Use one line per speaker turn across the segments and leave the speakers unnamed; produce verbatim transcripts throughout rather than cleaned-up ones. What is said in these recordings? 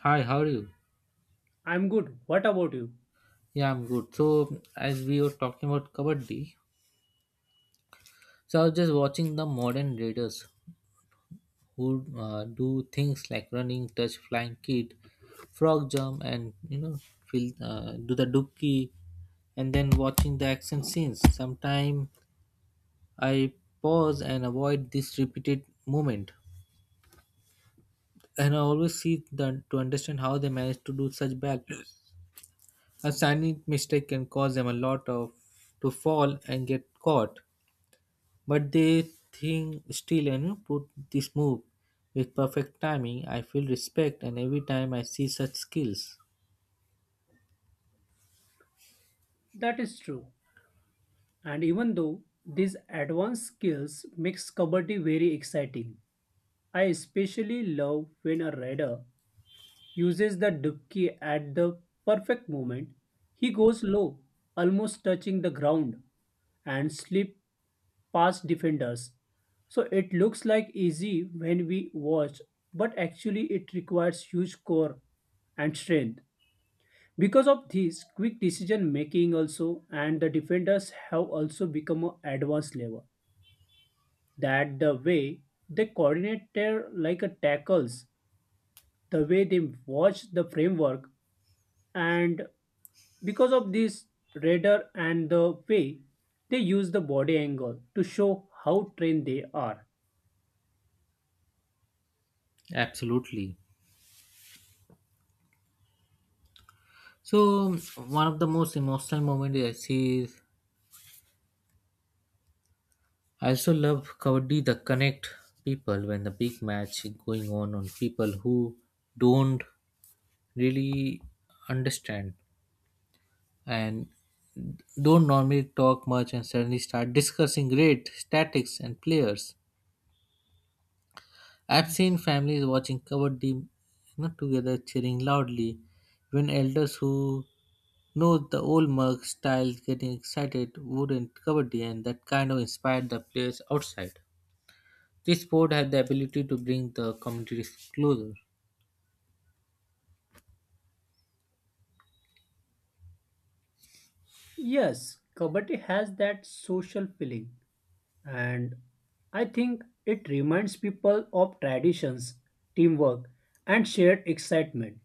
Hi, how are you?
I'm good. What about you?
Yeah, I'm good. So, as we were talking about kabaddi, so I was just watching the modern raiders who uh, do things like running, touch, flying kick, frog jump, and you know, feel, uh, do the dookie, and then watching the action scenes. Sometimes I pause and avoid this repeated movement, and I always see the, to understand how they manage to do such bad. A tiny mistake can cause them a lot of to fall and get caught. But they think still and you put this move with perfect timing. I feel respect and every time I see such skills.
That is true. And even though these advanced skills makes kabaddi very exciting, I especially love when a rider uses the dubki at the perfect moment. He goes low, almost touching the ground, and slip past defenders. So it looks like easy when we watch, but actually it requires huge core and strength. Because of this, quick decision making also and the defenders have also become a advanced level. That the way they coordinate their like a tackles, the way they watch the framework, and because of this radar and the way they use the body angle to show how trained they are.
Absolutely. So one of the most emotional moments I see is I also love Kabaddi the connect people when the big match is going on on people who don't really understand and don't normally talk much and suddenly start discussing great statics and players. I've seen families watching covered deep you know, together cheering loudly, even elders who know the old mug style getting excited wouldn't kabaddi and that kind of inspired the players outside. This sport had the ability to bring the communities closer.
Yes, Kabaddi has that social feeling and I think it reminds people of traditions, teamwork, and shared excitement.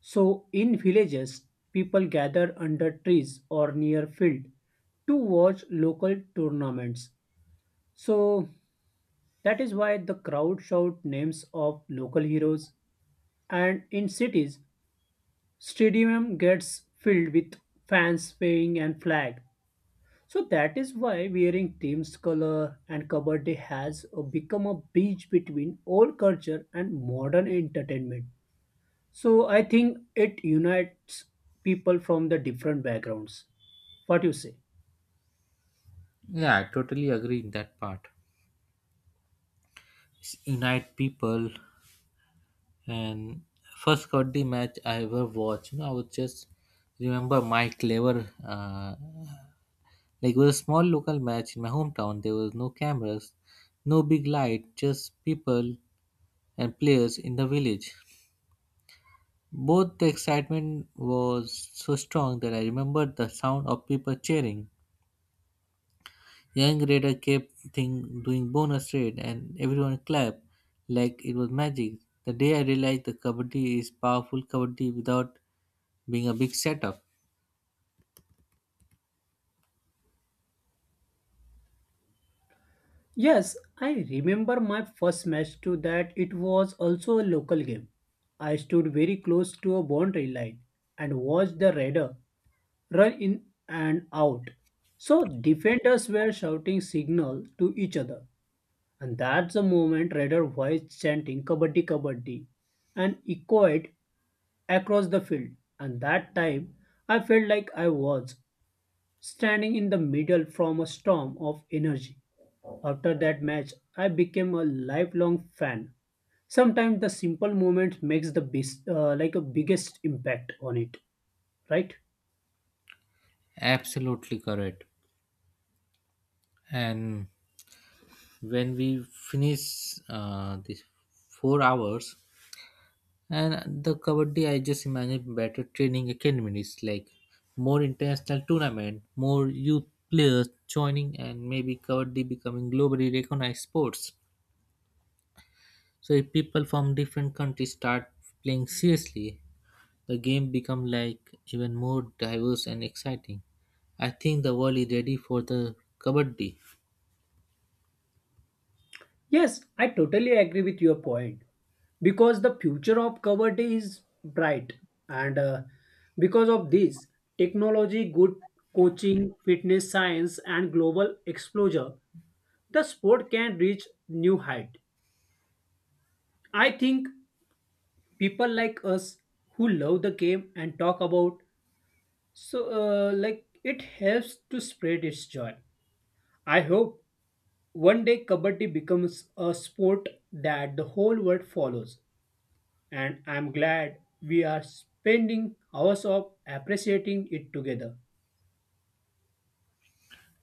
So, in villages, people gather under trees or near field to watch local tournaments. So, that is why the crowd shout names of local heroes. And in cities, stadium gets filled with fans waving and flag. So that is why wearing team's color and kabaddi has uh, become a bridge between old culture and modern entertainment. So I think it unites people from the different backgrounds. What you say?
Yeah, I totally agree in that part. S- Unite people and first kabaddi match I ever watched, you know, I would just remember my clever uh, like it was a small local match in my hometown. There was no cameras, no big light, just people and players in the village. Both the excitement was so strong that I remembered the sound of people cheering. Young Raider kept thing doing bonus raid and everyone clapped like it was magic. The day I realized the kabaddi is powerful kabaddi without being a big setup.
Yes, I remember my first match to that it was also a local game. I stood very close to a boundary line and watched the radar run in and out. So defenders were shouting signal to each other. And that's the moment Raider voice chanting Kabaddi Kabaddi and echoed across the field. And that time I felt like I was standing in the middle from a storm of energy. After that match, I became a lifelong fan. Sometimes the simple moment makes the best, uh, like a biggest impact on it, right?
Absolutely correct. And when we finish uh, this four hours, and the Kabaddi, I just imagine better training academies, like more international tournament, more youth players joining, and maybe Kabaddi becoming globally recognized sports. So if people from different countries start playing seriously, the game become like even more diverse and exciting. I think the world is ready for the Kabaddi.
Yes, I totally agree with your point. Because the future of poverty is bright and uh, because of this technology good coaching fitness science and global exposure the sport can reach new height. I think people like us who love the game and talk about, so uh, like it helps to spread its joy. I hope one day kabaddi becomes a sport that the whole world follows, and I'm glad we are spending hours of appreciating it together.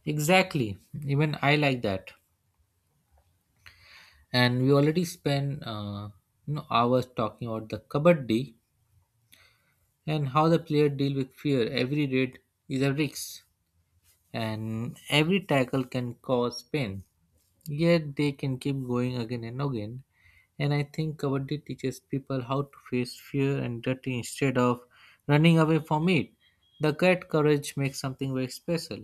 Exactly. Even I like that. And we already spent uh, you know hours talking about the Kabaddi, and how the player deal with fear. Every raid is a risk, and every tackle can cause pain. Yet they can keep going again and again. And I think Kabaddi teaches people how to face fear and duty instead of running away from it. The cat courage makes something very special.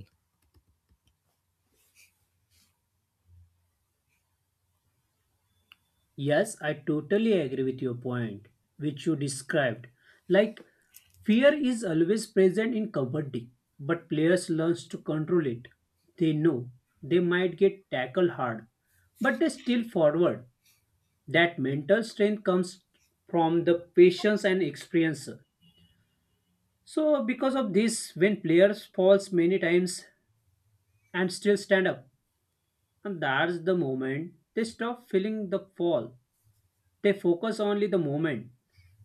Yes, I totally agree with your point, which you described. Like, fear is always present in combating, but players learn to control it. They know they might get tackled hard, but they still forward. That mental strength comes from the patience and experience. So, because of this, when players falls many times and still stand up, and that's the moment they stop feeling the fall. They focus only the moment.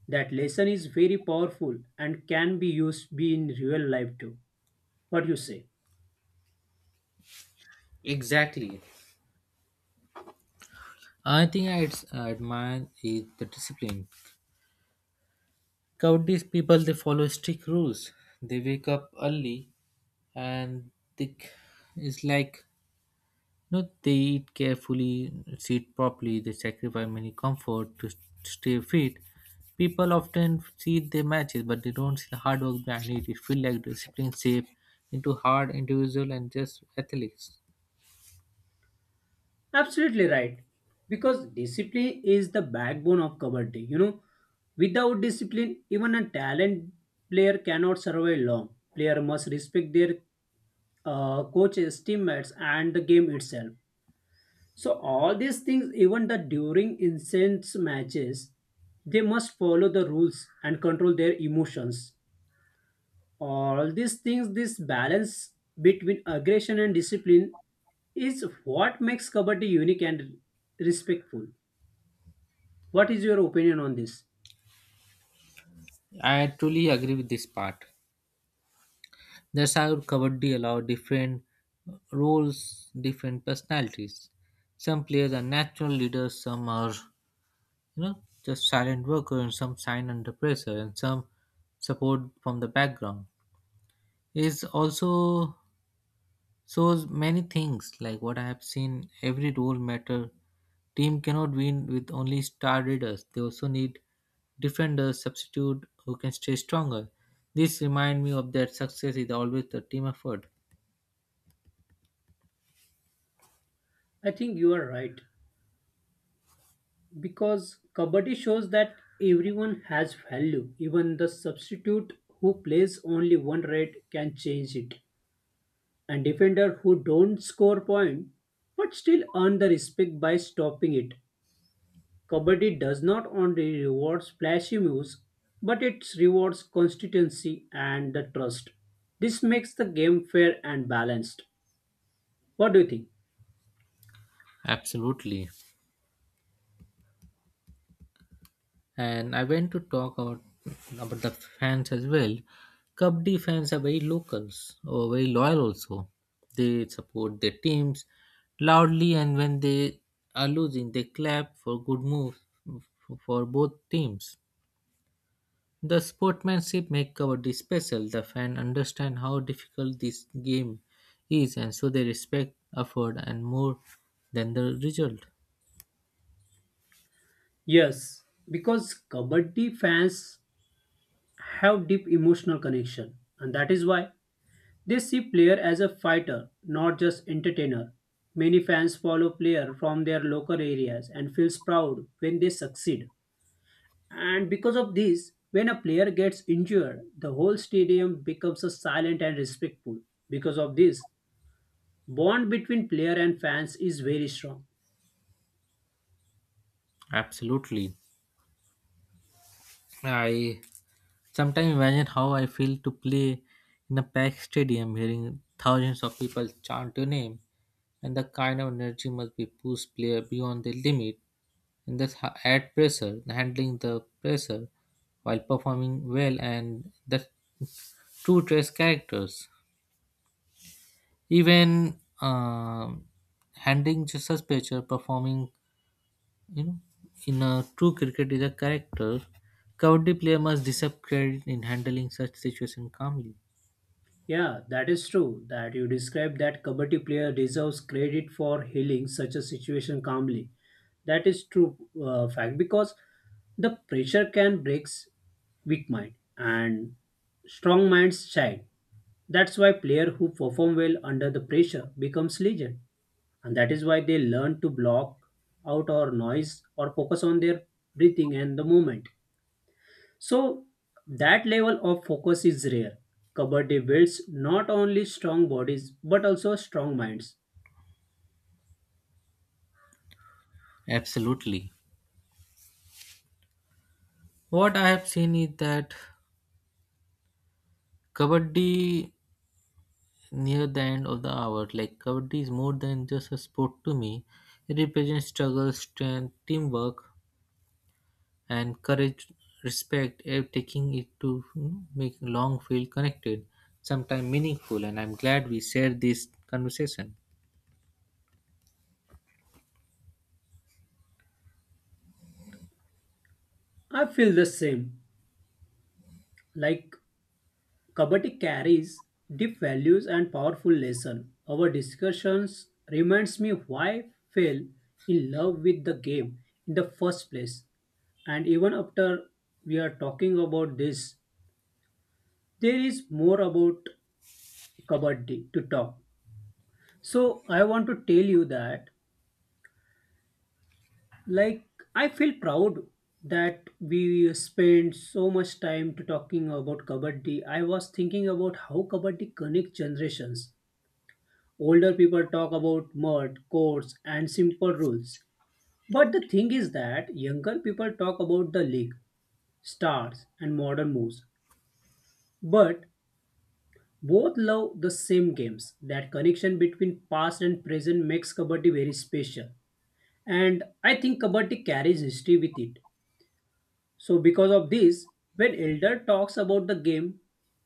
That lesson is very powerful and can be used be in real life too. What you say?
Exactly. I think I ad- admire is the discipline. Cowardice people they follow strict rules. They wake up early and they c- it's like no, they eat carefully, sit properly, they sacrifice many comfort to stay fit. People often see their matches, but they don't see the hard work behind it. It feels like discipline shape into hard individual and just athletes.
Absolutely right. Because discipline is the backbone of Kabaddi. You know, without discipline, even a talent player cannot survive long. Player must respect their uh, coaches, teammates, and the game itself. So all these things, even the during incense matches, they must follow the rules and control their emotions. All these things, this balance between aggression and discipline is what makes kabaddi unique and respectful. What is your opinion on this?
I truly agree with this part. That's how Kabaddi allow different roles, different personalities. Some players are natural leaders, some are, you know, just silent workers, and some sign under pressure, and some support from the background. Is also shows many things like what I have seen. Every role matter. Team cannot win with only star readers. They also need defenders, substitute who can stay stronger. This remind me of that success is always a team effort.
I think you are right because kabaddi shows that everyone has value. Even the substitute who plays only one red can change it, and defender who don't score point but still earn the respect by stopping it. Kabaddi does not only reward flashy moves but it rewards consistency and the trust. This makes the game fair and balanced. What do you think?
Absolutely. And I went to talk about about the fans as well. Kabaddi fans are very locals or very loyal also. They support their teams loudly, and when they are losing, they clap for good moves f- for both teams. The sportsmanship make Kabaddi special. The fan understand how difficult this game is, and so they respect effort and more than the result.
Yes, because Kabaddi fans have deep emotional connection and that is why they see player as a fighter, not just entertainer. Many fans follow player from their local areas and feels proud when they succeed. And because of this, when a player gets injured, the whole stadium becomes a silent and respectful. Because of this, bond between player and fans is very strong.
Absolutely, I sometimes imagine how I feel to play in a packed stadium hearing thousands of people chant your name and the kind of energy must be push player beyond their limit and thus ha- add pressure, handling the pressure while performing well and the true dress characters. Even um handling just such pressure, performing you know in a true cricket is a character, Kabaddi player must deserve credit in handling such situation calmly.
Yeah, that is true. That you described that kabaddi player deserves credit for healing such a situation calmly. That is true uh, fact because the pressure can break weak mind and strong minds shine. That's why player who perform well under the pressure becomes legend, and that is why they learn to block out our noise or focus on their breathing and the movement. So that level of focus is rare. Kabaddi builds not only strong bodies but also strong minds.
Absolutely. What I have seen is that Kabaddi near the end of the hour, like Kabaddi is more than just a sport to me. It represents struggle, strength, teamwork, and courage, respect, eh, taking it to you know, make long feel connected, sometimes meaningful. And I'm glad we shared this conversation.
I feel the same. Like Kabaddi carries deep values and powerful lesson. Our discussions reminds me why I fell in love with the game in the first place. And even after we are talking about this, there is more about Kabaddi to talk. So I want to tell you that, like, I feel proud that we spent so much time to talking about kabaddi. I was thinking about how kabaddi connects generations. Older people talk about mud courts and simple rules, but the thing is that younger people talk about the league stars and modern moves, but both love the same games. That connection between past and present makes kabaddi very special, and I think kabaddi carries history with it. So, because of this, when elder talks about the game,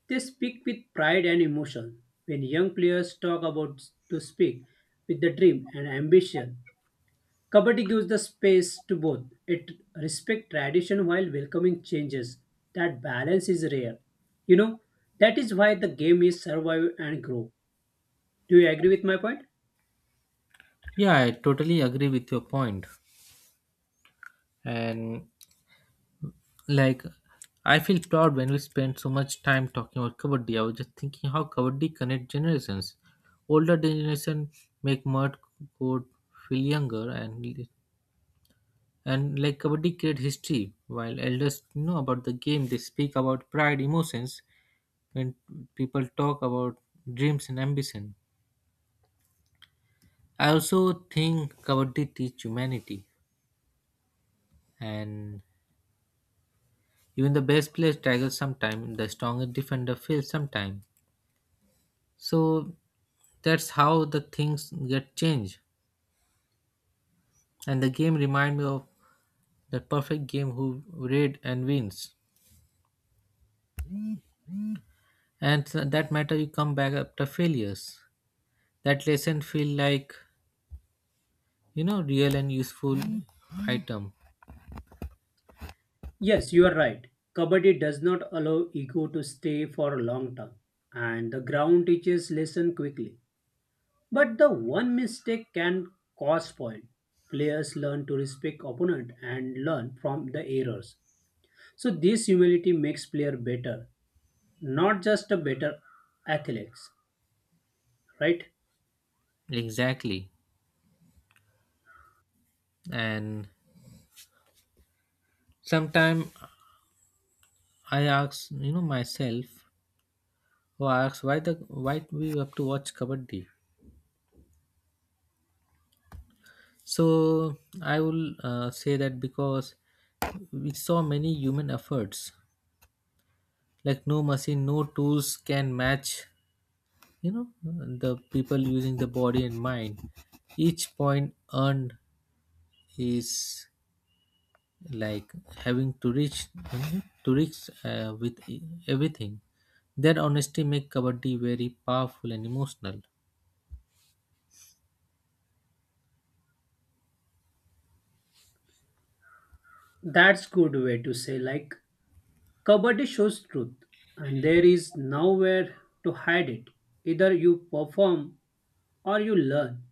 they speak with pride and emotion. When young players talk about to speak with the dream and ambition, Kabaddi gives the space to both. It respects tradition while welcoming changes. That balance is rare. You know, that is why the game is survive and grow. Do you agree with my point?
Yeah, I totally agree with your point. And like, I feel proud when we spend so much time talking about Kabaddi. I was just thinking how Kabaddi connect generations. Older generation make mud code feel younger and and like Kabaddi create history. While elders know about the game, they speak about pride, emotions. When people talk about dreams and ambition, I also think Kabaddi teach humanity. And even the best players struggle sometime. The strongest defender fails sometime. So that's how the things get changed. And the game remind me of the perfect game who raid and wins. And so that matter you come back after failures. That lesson feel like you know real and useful item.
Yes, you are right. Kabaddi does not allow ego to stay for a long time, and the ground teaches lesson quickly. But the one mistake can cause spoil. Players learn to respect opponent and learn from the errors. So this humility makes player better, not just a better athletes, right?
Exactly. And sometime I ask you know myself who asks why the why we have to watch kabaddi. So I will uh, say that because we saw many human efforts like no machine no tools can match you know the people using the body and mind each point earned is like having to reach to reach uh, with e- everything that honesty make kabaddi very powerful and emotional.
That's good way to say like kabaddi shows truth and there is nowhere to hide it. Either you perform or you learn.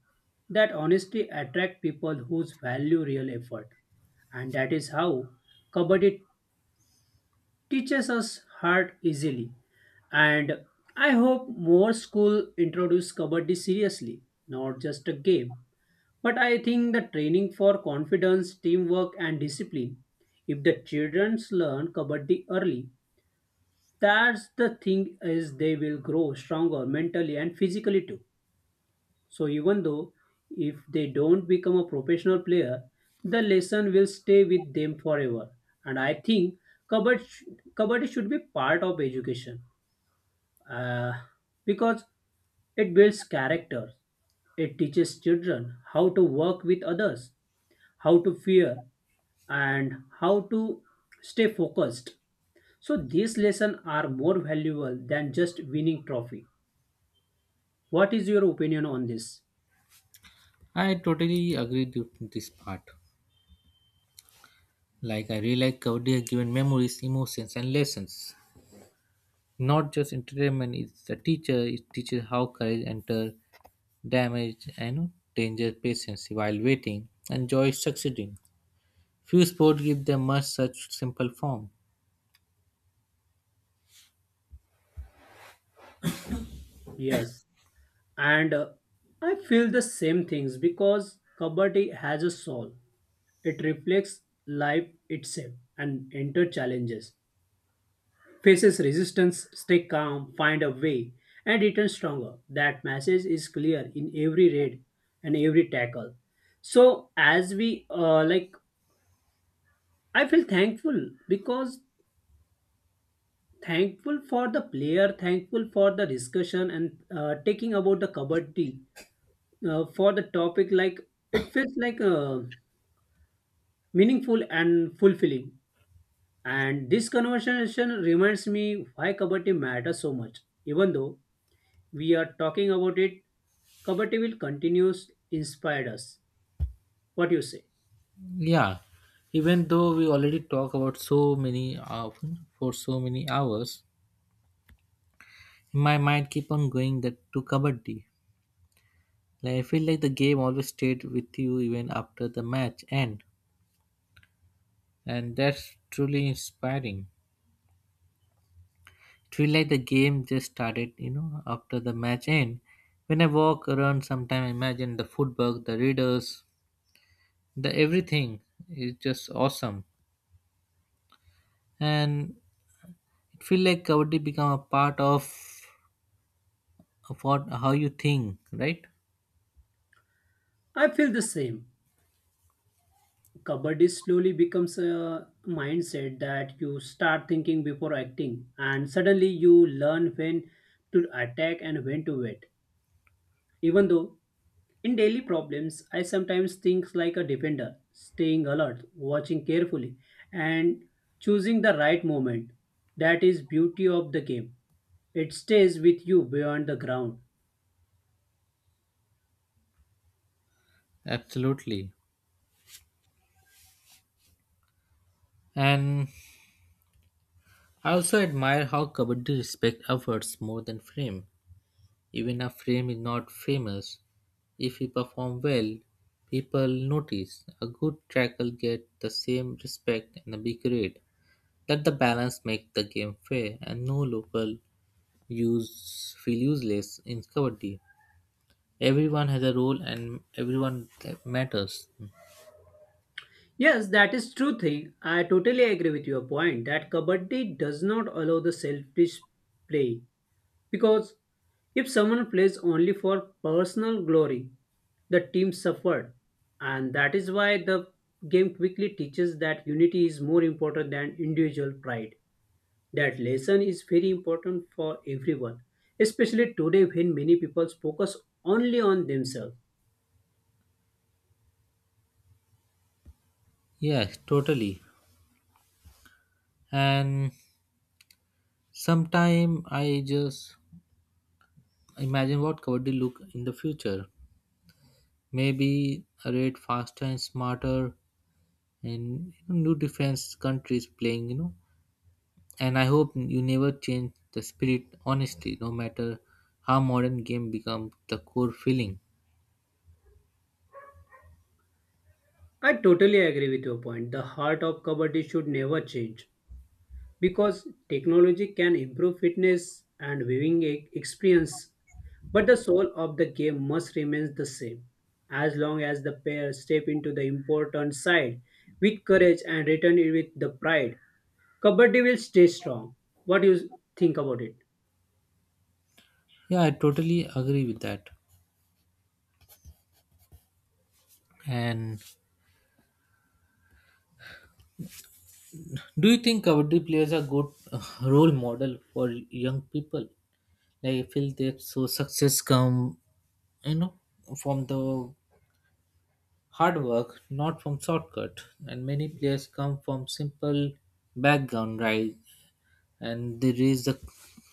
That honesty attract people whose value real effort, and that is how kabaddi teaches us hard easily. And I hope more school introduce kabaddi seriously, not just a game. But I think the training for confidence, teamwork, and discipline. If the children learn kabaddi early, that's the thing is they will grow stronger mentally and physically too. So even though if they don't become a professional player, the lesson will stay with them forever. And I think kabaddi, sh- kabaddi should be part of education uh, because it builds character. It teaches children how to work with others, how to fear, and how to stay focused. So these lessons are more valuable than just winning trophy. What is your opinion on this?
I totally agree with this part. Like I really like kabaddi has given memories emotions and lessons, not just entertainment. It's a teacher. It teaches how courage enter damage and danger patience while waiting and joy succeeding. Few sports give them much such simple form.
Yes. And uh, I feel the same things because kabaddi has a soul. It reflects life itself and enter challenges, faces resistance, stay calm, find a way, and return stronger. That message is clear in every raid and every tackle. So as we uh, like I feel thankful, because thankful for the player, thankful for the discussion, and uh, taking about the kabaddi, uh, for the topic, like it feels like uh, meaningful and fulfilling. And this conversation reminds me why Kabaddi matters so much. Even though we are talking about it, Kabaddi will continues inspired us. What you say?
Yeah, even though we already talk about so many uh, for so many hours, my mind keep on going that to kabaddi. Like I feel like the game always stayed with you even after the match end, and that's truly inspiring. It feel like the game just started, you know, after the match end. When I walk around, sometimes I imagine the footwork, the readers, the everything is just awesome and it feel like kabaddi become a part of of what how you think, right?
I feel the same. Kabaddi slowly becomes a mindset that you start thinking before acting, and suddenly you learn when to attack and when to wait. Even though in daily problems, I sometimes think like a defender, staying alert, watching carefully, and choosing the right moment. That is beauty of the game. It stays with you beyond the ground.
Absolutely. And I also admire how kabaddi respect efforts more than fame. Even if fame is not famous, if he perform well people notice a good tackle get the same respect and a big rate. Let the balance make the game fair and no local use feel useless in kabaddi. Everyone has a role and everyone ca- matters.
Yes, that is true thing. I totally agree with your point that kabaddi does not allow the selfish play. Because if someone plays only for personal glory, the team suffered. And that is why the game quickly teaches that unity is more important than individual pride. That lesson is very important for everyone, especially today when many people focus only on themselves.
Yeah, totally. And sometime I just imagine what kabaddi look in the future, maybe a rate faster and smarter, and you know, new defense countries playing you know and I hope you never change the spirit honestly no matter how modern game become the core feeling.
I totally agree with your point. The heart of Kabaddi should never change because technology can improve fitness and viewing e- experience. But the soul of the game must remain the same. As long as the pair step into the important side with courage and return it with the pride, Kabaddi will stay strong. What do you think about it?
Yeah, I totally agree with that. And do you think Kabaddi players are good uh, role model for young people? Like I feel that so success come, you know, from the hard work, not from shortcut. And many players come from simple background, right? And they raise the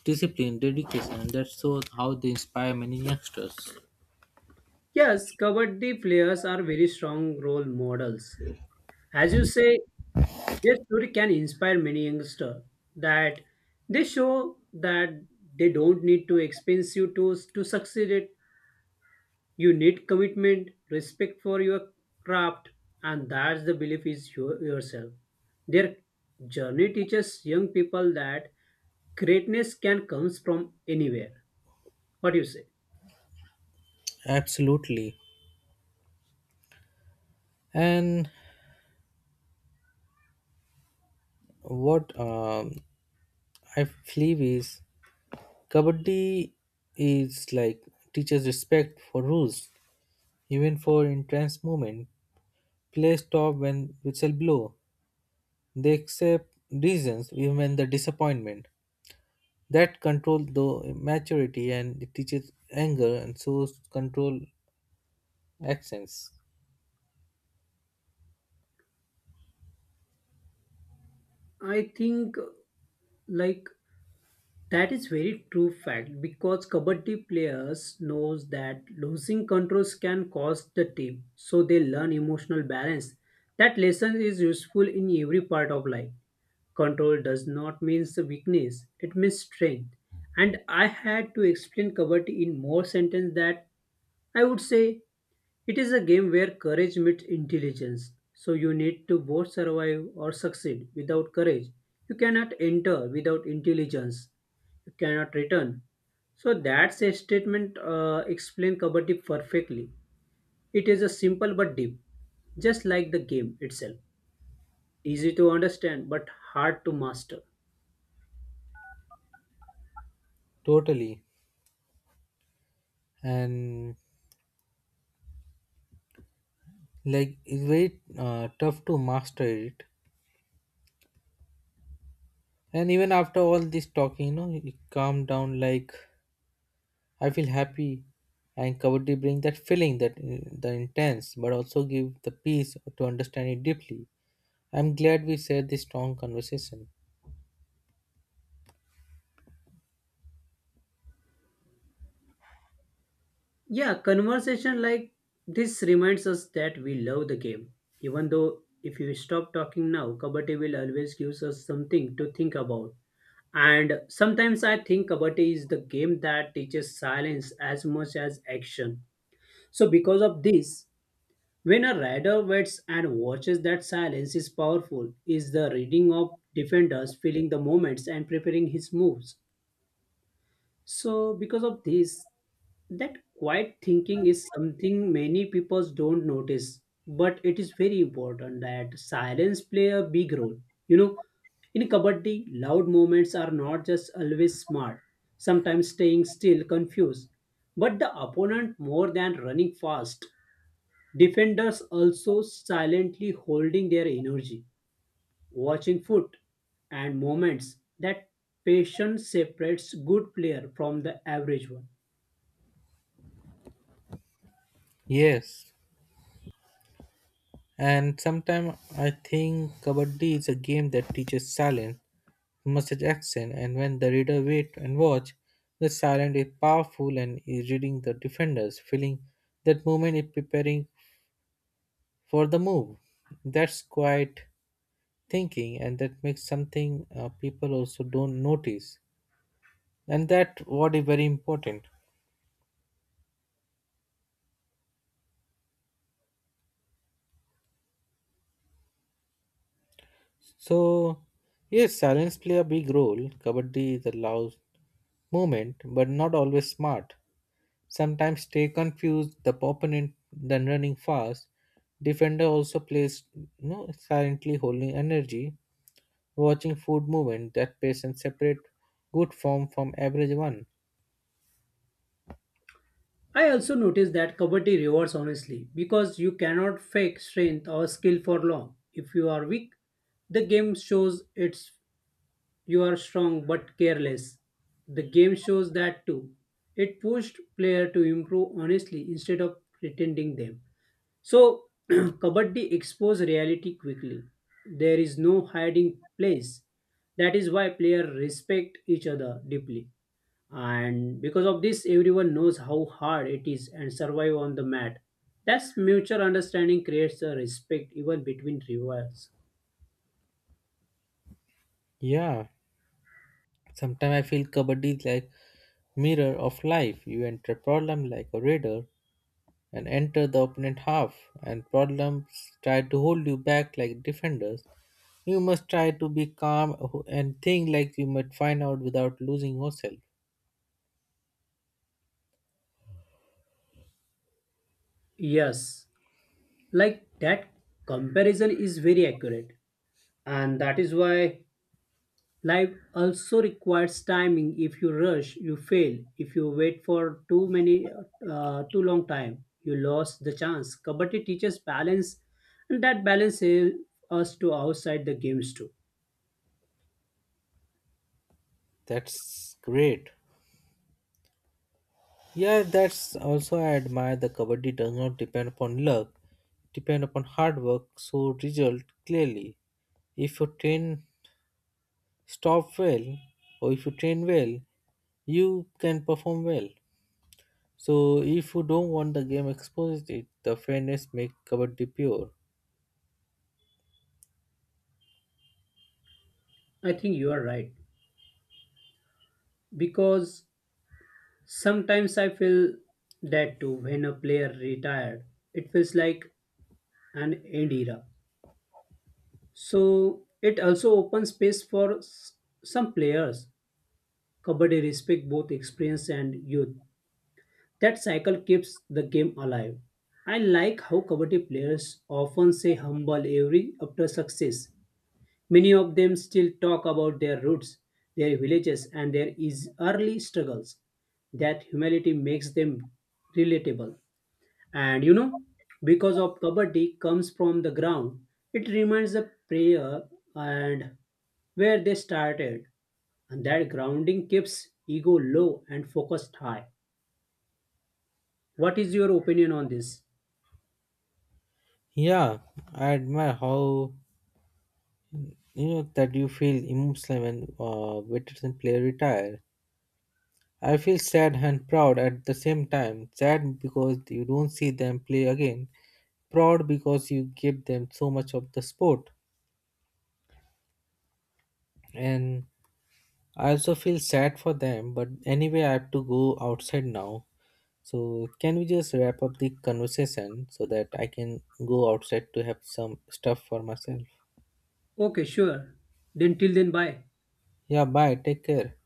discipline, dedication, and that's so how they inspire many youngsters.
Yes, Kabaddi players are very strong role models. As you say, their story can inspire many youngsters that they show that they don't need to expensive to, to succeed it. You need commitment, respect for your craft, and that's the belief is your, yourself. Their journey teaches young people that greatness can comes from anywhere. What do you say?
Absolutely. And what um, I believe is Kabaddi is like teaches respect for rules. Even for intense moments, play stop when whistle blow. They accept reasons even the disappointment. That control the maturity and it teaches anger and so control accents.
I think uh, like that is very true fact because kabaddi players knows that losing controls can cost the team, so they learn emotional balance. That lesson is useful in every part of life. Control does not mean weakness, it means strength. And I had to explain kabaddi in more sentence that I would say it is a game where courage meets intelligence. So you need to both survive or succeed without courage. You cannot enter without intelligence. You cannot return. So that's a statement uh, explain kabaddi perfectly. It is a simple but deep, just like the game itself. Easy to understand but hard to master.
Totally. And like it's very uh, tough to master it. And even after all this talking, you know, it calm down. Like I feel happy and kabaddi bring that feeling that uh, the intense but also give the peace to understand it deeply. I'm glad we shared this strong conversation.
Yeah, conversation like this reminds us that we love the game. Even though if you stop talking now, Kabaddi will always gives us something to think about. And sometimes I think Kabaddi is the game that teaches silence as much as action. So because of this, when a rider waits and watches that silence is powerful, is the reading of defenders, feeling the moments and preparing his moves. So, because of this, that quiet thinking is something many people don't notice, but it is very important that silence play a big role. You know, in kabaddi, loud movements are not just always smart. Sometimes staying still confused, but the opponent more than running fast. Defenders also silently holding their energy watching foot and moments that patience separates good player from the average one.
Yes, and sometimes I think Kabaddi is a game that teaches silence, message action, and when the reader wait and watch, the silence is powerful and is reading the defenders, feeling that movement is preparing for the move. That's quite thinking, and that makes something uh, people also don't notice, and that what is very important. So, yes, silence play a big role. Kabaddi is a loud movement, but not always smart. Sometimes stay confused, the opponent then running fast. Defender also plays you know, silently holding energy, watching food movement that pace and separate good form from average one.
I also noticed that Kabaddi rewards honestly because you cannot fake strength or skill for long. If you are weak, the game shows it's you are strong but careless. The game shows that too. It pushed player to improve honestly instead of pretending them. So, Kabaddi expose reality quickly. There is no hiding place. That is why players respect each other deeply. And because of this, everyone knows how hard it is and survive on the mat. That's mutual understanding creates a respect even between rivals.
Yeah, sometimes I feel kabaddi is like mirror of life. You enter problem like a raider and enter the opponent half, and problems try to hold you back like defenders. You must try to be calm and think like you might find out without losing yourself.
Yes, like that comparison is very accurate. And that is why life also requires timing. If you rush, you fail. If you wait for too many, uh, too long time, you lost the chance. Kabaddi teaches balance, and that balance helps us to outside the games too.
That's great. Yeah, that's also I admire the kabaddi does not depend upon luck, depend upon hard work, so result clearly. If you train stop well or if you train well, you can perform well. So if you don't want the game exposed it, the fairness make kabaddi pure.
I think you are right because sometimes I feel that too. When a player retired, it feels like an end era. So it also opens space for s- some players. Kabaddi respect both experience and youth. That cycle keeps the game alive. I like how Kabaddi players often say humble every after success. Many of them still talk about their roots, their villages, and their is- early struggles. That humility makes them relatable. And you know, because of Kabaddi comes from the ground, it reminds the player and where they started. And that grounding keeps ego low and focused high. What is your opinion on this?
Yeah, I admire how You know that you feel emotional when uh, veteran player retire. I feel sad and proud at the same time. Sad because you don't see them play again. Proud because you give them so much of the sport. And I also feel sad for them. But anyway, I have to go outside now. So can we just wrap up the conversation so that I can go outside to have some stuff for myself?
Okay, sure. Then till then, bye.
Yeah, bye. Take care.